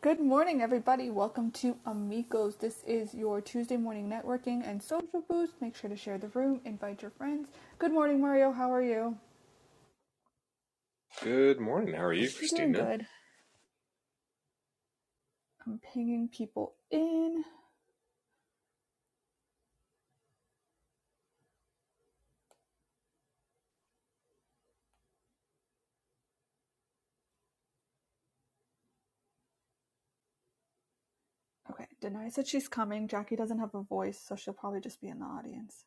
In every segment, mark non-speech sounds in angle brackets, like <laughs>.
Good morning, everybody. Welcome to Amigos. This is your Tuesday morning networking and social boost. Make sure to share the room, invite your friends. Good morning, Mario. How are you? Good morning. How are you, I'm doing Christina? good. I'm pinging people in. Okay. Denai said she's coming. Jackie doesn't have a voice, so she'll probably just be in the audience.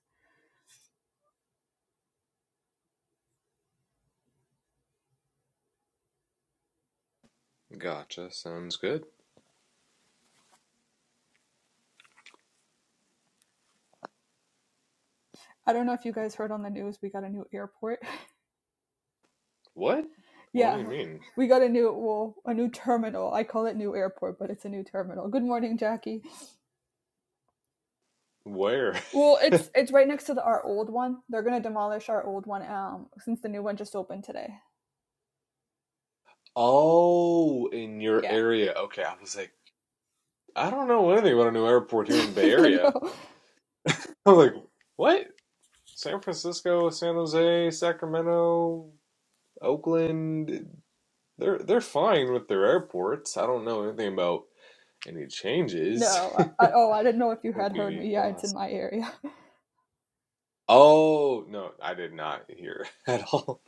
Gotcha. Sounds good. I don't know if you guys heard on the news, we got a new airport. What? <laughs> What do yeah. you mean? We got a new well, a new terminal. I call it new airport, but it's a new terminal. Good morning, Jackie. Where? <laughs> Well, it's it's right next to the, our old one. They're gonna demolish our old one um since the new one just opened today. Oh, in your Yeah. area. Okay, I was like, I don't know anything about a new airport here in the <laughs> Bay Area. no, <laughs> I was like, what? San Francisco, San Jose, Sacramento, Oakland. They're they're fine with their airports. I don't know anything about any changes. <laughs> no. I, I, oh, I didn't know if you That'd had heard be me. Yeah, it's lost. in my area. Oh, no, I did not hear <laughs> at all.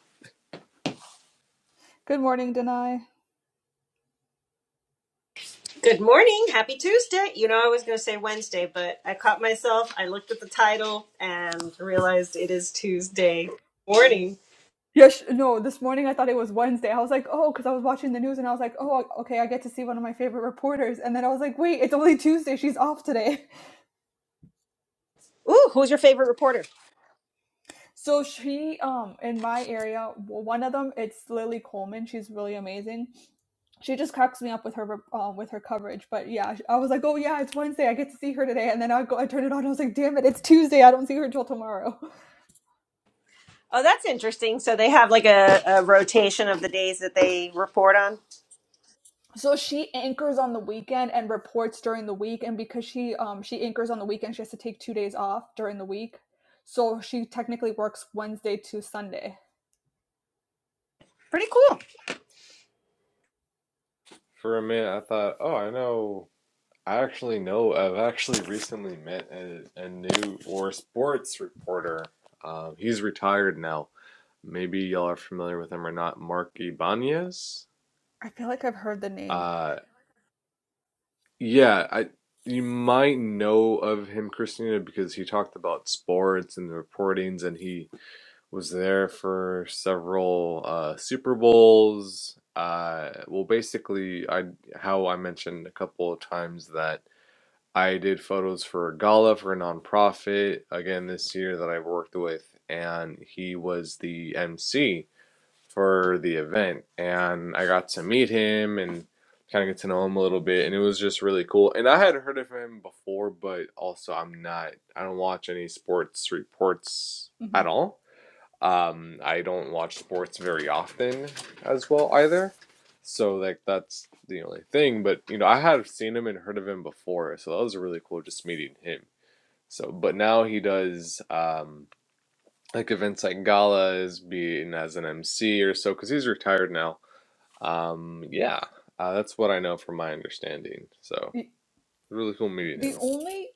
Good morning, Denai. Good morning. Happy Tuesday. You know, I was going to say Wednesday, but I caught myself. I looked at the title and realized it is Tuesday morning. Yes, yeah, sh- no. This morning I thought it was Wednesday. I was like, oh, because I was watching the news and I was like, oh, okay, I get to see one of my favorite reporters. And then I was like, wait, it's only Tuesday. She's off today. Ooh, who's your favorite reporter? So she, um, in my area, w- one of them, it's Lily Coleman. She's really amazing. She just cracks me up with her, um, with her coverage. But yeah, I was like, oh yeah, it's Wednesday. I get to see her today. And then I go, I turn it on. and I was like, damn it, it's Tuesday. I don't see her until tomorrow. <laughs> Oh, that's interesting. So they have like a, a rotation of the days that they report on. So she anchors on the weekend and reports during the week. And because she, um, she anchors on the weekend, she has to take two days off during the week. So she technically works Wednesday to Sunday. Pretty cool. For a minute, I thought, oh, I know I actually know. I've actually recently met a, a new war sports reporter. Um, he's retired now. Maybe y'all are familiar with him or not. Mark Ibanez. I feel like I've heard the name. Uh, yeah, I you might know of him, Christina, because he talked about sports and the reportings, and he was there for several uh, Super Bowls. Uh, well, basically, I how I mentioned a couple of times that I did photos for a gala for a nonprofit again this year that I worked with, and he was the MC for the event. And I got to meet him and kind of get to know him a little bit, and it was just really cool. And I had heard of him before, but also I'm not, I don't watch any sports reports hmm at all. Um, I don't watch sports very often as well either. So like that's the only thing. But you know, I have seen him and heard of him before, so that was really cool just meeting him. So but now he does um like events like galas, being as an MC or so, because he's retired now. Um, yeah, uh, that's what I know from my understanding. So really cool meeting the him. only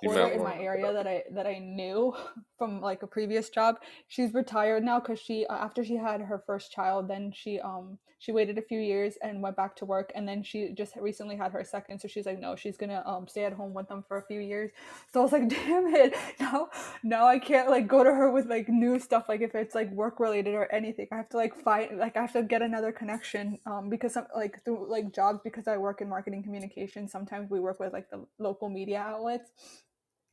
You might in want to my look it area up. that I that I knew <laughs> from like a previous job, she's retired now because she uh, after she had her first child, then she um she waited a few years and went back to work, and then she just recently had her second, so she's like, no, she's gonna um stay at home with them for a few years. So I was like, <laughs> damn it, now now I can't like go to her with like new stuff like if it's like work related or anything. I have to like find like I have to get another connection um because some like through like jobs because I work in marketing communication. Sometimes we work with like the local media outlets.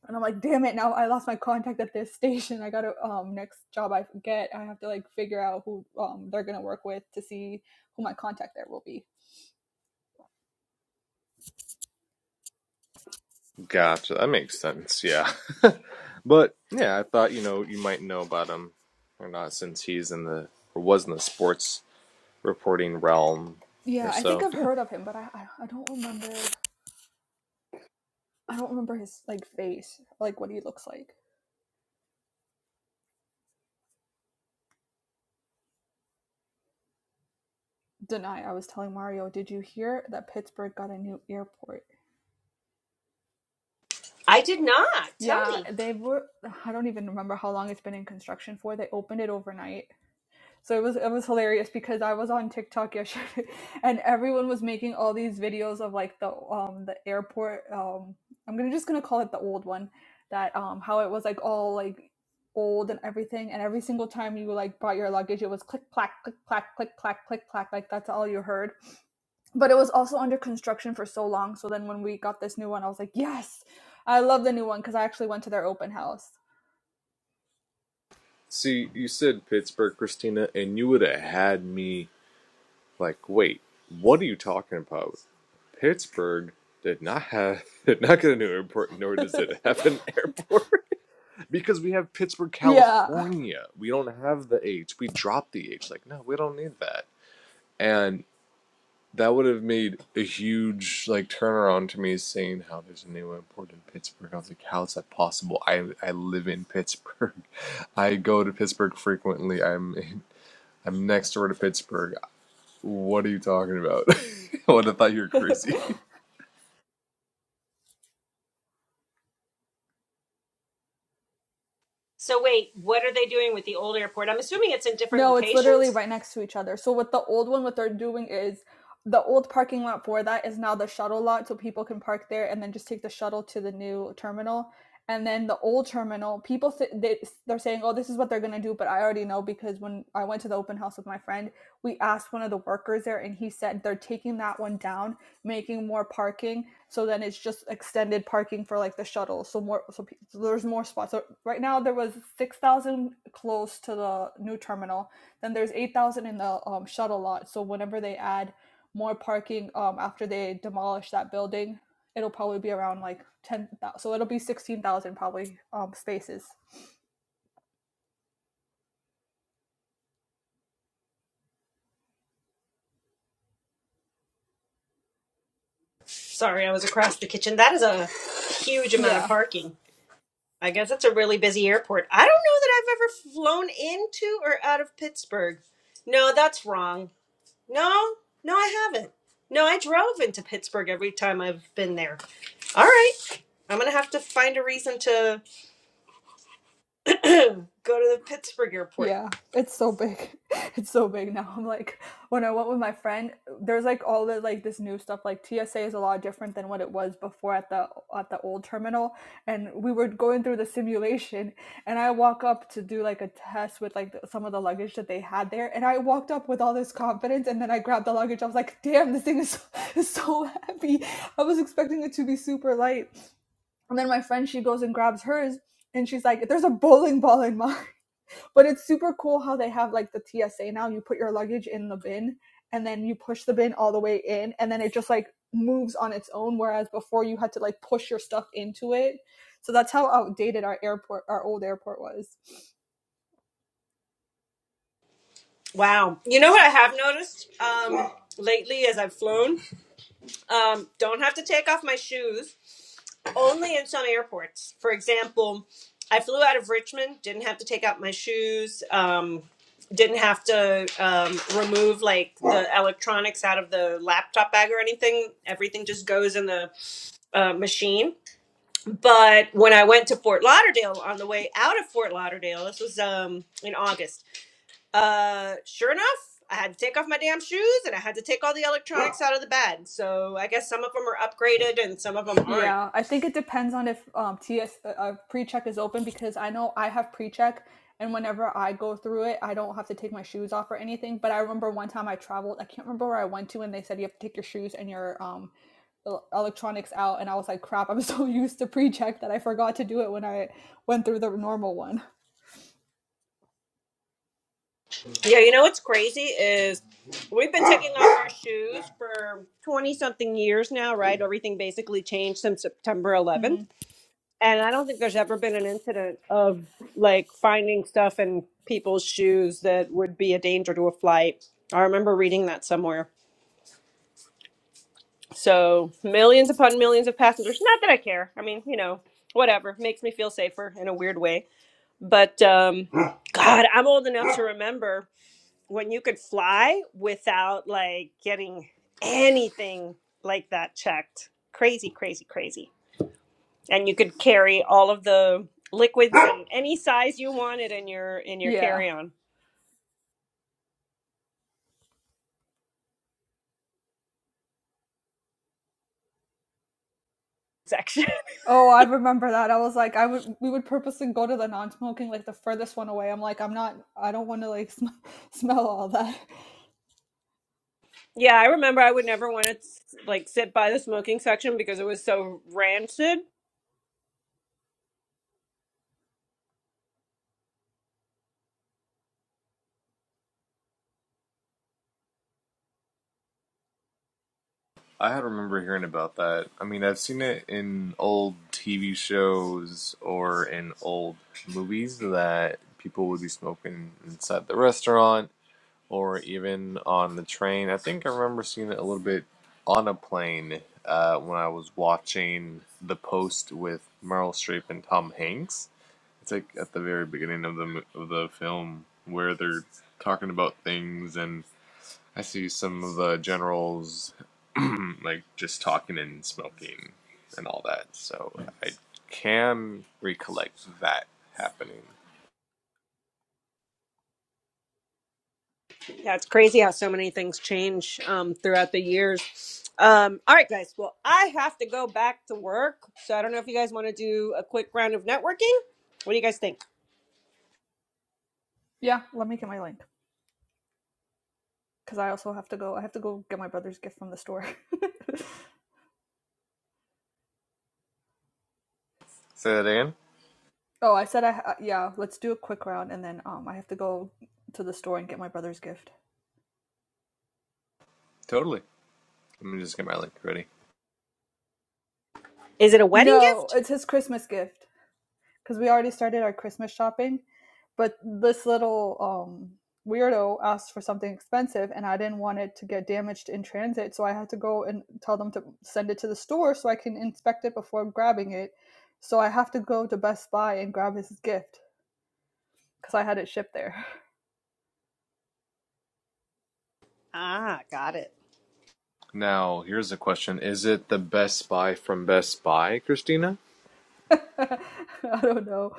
And I'm like, damn it! Now I lost my contact at this <laughs> station. I gotta um next job I get, I have to like figure out who um they're gonna work with to see who my contact there will be. Gotcha. That makes sense. Yeah. <laughs> But yeah, I thought, you know, you might know about him or not since he's in the or was in the sports reporting realm or Yeah, I think so. I've Yeah. heard of him, but I I, I don't remember I don't remember his like face, like what he looks like. deny. I was telling Mario, did you hear that Pittsburgh got a new airport? I did not. Tell Yeah, me. they were. I don't even remember how long it's been in construction for. They opened it overnight, so it was it was hilarious because I was on TikTok <laughs> yesterday, and everyone was making all these videos of like the um the airport. Um, I'm gonna just gonna call it the old one, that um how it was like all like old and everything and every single time you like brought your luggage it was click clack click clack click clack click clack like that's all you heard but it was also under construction for so long. So then when we got this new one, I was like, yes, I love the new one because I actually went to their open house. See, you said Pittsburgh, Christina, and you would have had me like, wait, what are you talking about? Pittsburgh did not have <laughs> did not get a new airport, nor does it have an <laughs> airport. <laughs> because we have Pittsburgh, yeah. California. We don't have the H. We dropped the H. Like, no, we don't need that. and. That would have made a huge like turnaround to me saying how there's a new import in Pittsburgh. I was like, how is that possible? I I live in Pittsburgh. <laughs> I go to Pittsburgh frequently. I'm in, I'm next door to Pittsburgh. What are you talking about? <laughs> I would have thought you were crazy. <laughs> <laughs> So wait, what are they doing with the old airport? I'm assuming it's in different No, it's literally locations. right next to each other. So what the old one, what they're doing is the old parking lot for that is now the shuttle lot, so people can park there and then just take the shuttle to the new terminal. And then the old terminal, people th- they, they're saying, "Oh, this is what they're gonna do," but I already know because when I went to the open house with my friend, we asked one of the workers there, and he said they're taking that one down making more parking so then it's just extended parking for like the shuttle so more so, pe- so there's more spots so right now there was 6000 close to the new terminal then there's 8000 in the um, shuttle lot so whenever they add more parking um, after they demolish that building it'll probably be around like 10000 so it'll be 16000 probably um, spaces Sorry, I was across the kitchen. That is a huge amount of yeah parking. I guess it's a really busy airport. I don't know that I've ever flown into or out of Pittsburgh. No, that's wrong. No, no, I haven't. No, I drove into Pittsburgh every time I've been there. All right. I'm going to have to find a reason to <clears throat> go to the Pittsburgh airport. Yeah, it's so big. <laughs> It's so big now. I'm like, when I went with my friend, there's like all the like this new stuff. Like TSA is a lot different than what it was before at the at the old terminal. And we were going through the simulation, and I walk up to do like a test with like the, some of the luggage that they had there. And I walked up with all this confidence, and then I grabbed the luggage. I was like, damn, this thing is so, <laughs> is so heavy. I was expecting it to be super light. And then my friend, she goes and grabs hers, and she's like, "There's a bowling ball in mine." But it's super cool how they have like the TSA now. You put your luggage in the bin and then you push the bin all the way in and then it just like moves on its own. Whereas before you had to like push your stuff into it. So that's how outdated our airport, our old airport was. Wow. You know what I have noticed um, lately as I've flown? Um, don't have to take off my shoes. only in some airports. For example, I flew out of Richmond, didn't have to take out my shoes, um, didn't have to um, remove like the electronics out of the laptop bag or anything. Everything just goes in the uh, machine. But when I went to Fort Lauderdale on the way out of Fort Lauderdale, this was um, in August, uh, sure enough, I had to take off my damn shoes and I had to take all the electronics out of the bag. So I guess some of them are upgraded and some of them aren't. Yeah, I think it depends on if um, TS uh, uh, pre-check is open because I know I have pre-check and whenever I go through it, I don't have to take my shoes off or anything. But I remember one time I traveled, I can't remember where I went to, and they said you have to take your shoes and your um, el- electronics out, and I was like, crap, I'm so <laughs> used to pre-check that I forgot to do it when I went through the normal one. Yeah, you know what's crazy is we've been taking off our shoes for 20 something years now, right? Everything basically changed since September 11th. hmm And I don't think there's ever been an incident of like finding stuff in people's shoes that would be a danger to a flight. I remember reading that somewhere. So, millions upon millions of passengers. Not that I care. I mean, you know, whatever. Makes me feel safer in a weird way. But um God, I'm old enough to remember when you could fly without like getting anything like that checked. Crazy, crazy, crazy. And you could carry all of the liquids and any size you wanted in your in your Yeah. carry-on section. Oh, I remember that. I was like, I would we would purposely go to the non-smoking, like the furthest one away. I'm like, I'm not, I don't want to like sm- <laughs> smell all that. <laughs> yeah, I remember I would never want to like sit by the smoking section because it was so rancid. I had remember hearing about that. I mean, I've seen it in old TV shows or in old movies that people would be smoking inside the restaurant or even on the train. I think I remember seeing it a little bit on a plane uh, when I was watching The Post with Meryl Streep and Tom Hanks. It's like at the very beginning of the mo- of the film where they're talking about things, and I see some of the generals <clears throat> like just talking and smoking and all that. So I can recollect that happening. Yeah, it's crazy how so many things change um, throughout the years. Um, all right, guys. Well, I have to go back to work, so I don't know if you guys want to do a quick round of networking. What do you guys think? Yeah, let me get my link because I also have to go. I have to go get my brother's gift from the store. Say that again. <laughs> oh, I said I ha- yeah. Let's do a quick round and then um I have to go to the store and get my brother's gift. Totally. Let me just get my link ready. Is it a wedding No, gift? it's his Christmas gift because we already started our Christmas shopping, but this little um weirdo asked for something expensive and I didn't want it to get damaged in transit, so I had to go and tell them to send it to the store so I can inspect it before grabbing it. So I have to go to Best Buy and grab his gift because I had it shipped there. Ah, got it. Now, here's a question. Is it the Best Buy from Best Buy, Christina? <laughs> I don't know.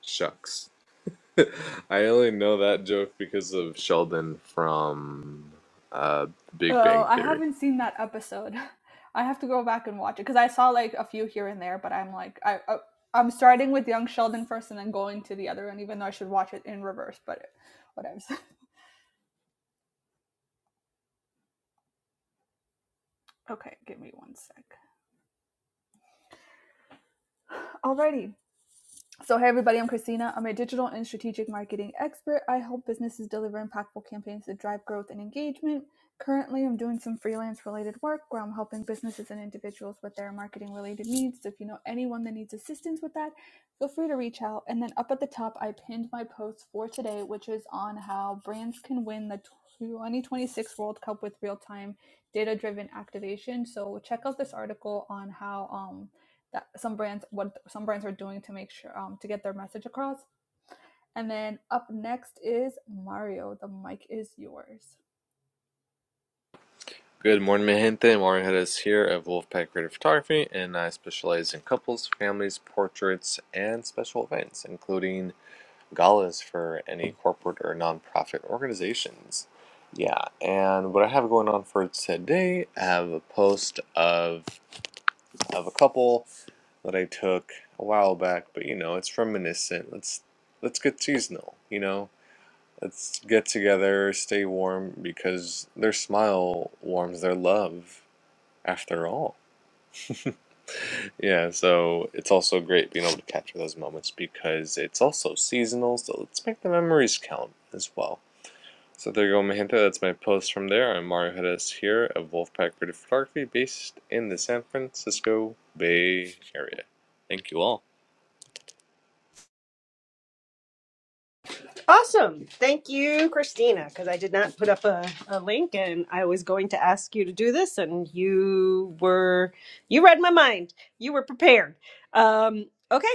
Shucks. <laughs> I only know that joke because of Sheldon from uh, Big Oh, Bang I Theory. haven't seen that episode. I have to go back and watch it because I saw like a few here and there, but I'm like I, I I'm starting with Young Sheldon first and then going to the other one, even though I should watch it in reverse. But whatever. <laughs> Okay, give me one sec. Alrighty, So, hey everybody, I'm Christina. I'm a digital and strategic marketing expert. I help businesses deliver impactful campaigns that drive growth and engagement. Currently, I'm doing some freelance related work where I'm helping businesses and individuals with their marketing related needs. So, if you know anyone that needs assistance with that, feel free to reach out. And then up at the top, I pinned my post for today, which is on how brands can win the 2026 World Cup with real time data driven activation. So, check out this article on how. Um, that some brands what some brands are doing to make sure um, to get their message across. And then up next is Mario. The mic is yours. Good morning, mi gente. Mario Hedges here at Wolfpack Creative Photography, and I specialize in couples, families, portraits, and special events, including galas for any corporate or nonprofit organizations. Yeah, and what I have going on for today, I have a post of of a couple that I took a while back, but you know, it's reminiscent. Let's let's get seasonal, you know? Let's get together, stay warm because their smile warms their love after all. Yeah, so it's also great being able to capture those moments because it's also seasonal, so let's make the memories count as well. So there you go, my gente. That's my post from there. I'm Mario Hedes here of Wolfpack Creative Photography based in the San Francisco Bay Area. Thank you all. Awesome. Thank you, Christina, because I did not put up a, a link and I was going to ask you to do this and you were, you read my mind. You were prepared. Um, okay.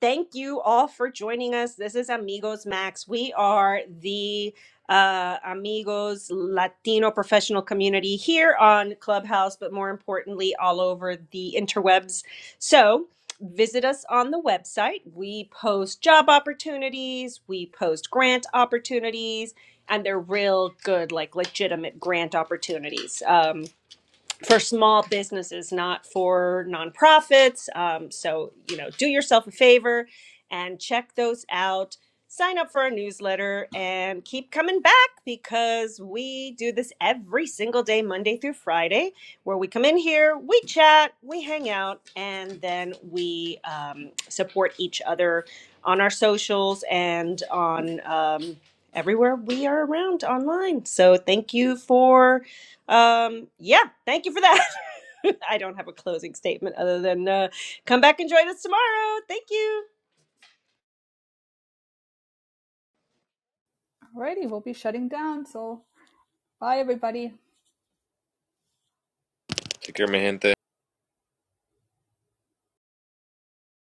Thank you all for joining us. This is Amigos Max. We are the uh, Amigos Latino professional community here on Clubhouse, but more importantly, all over the interwebs. So, visit us on the website. We post job opportunities, we post grant opportunities, and they're real good, like legitimate grant opportunities. Um, for small businesses, not for nonprofits. Um, so, you know, do yourself a favor and check those out. Sign up for our newsletter and keep coming back because we do this every single day, Monday through Friday, where we come in here, we chat, we hang out, and then we um, support each other on our socials and on um, everywhere we are around online. So, thank you for um, yeah, thank you for that. <laughs> I don't have a closing statement other than uh, come back and join us tomorrow. Thank you. Alrighty, we'll be shutting down. So bye everybody. Take care, my gente.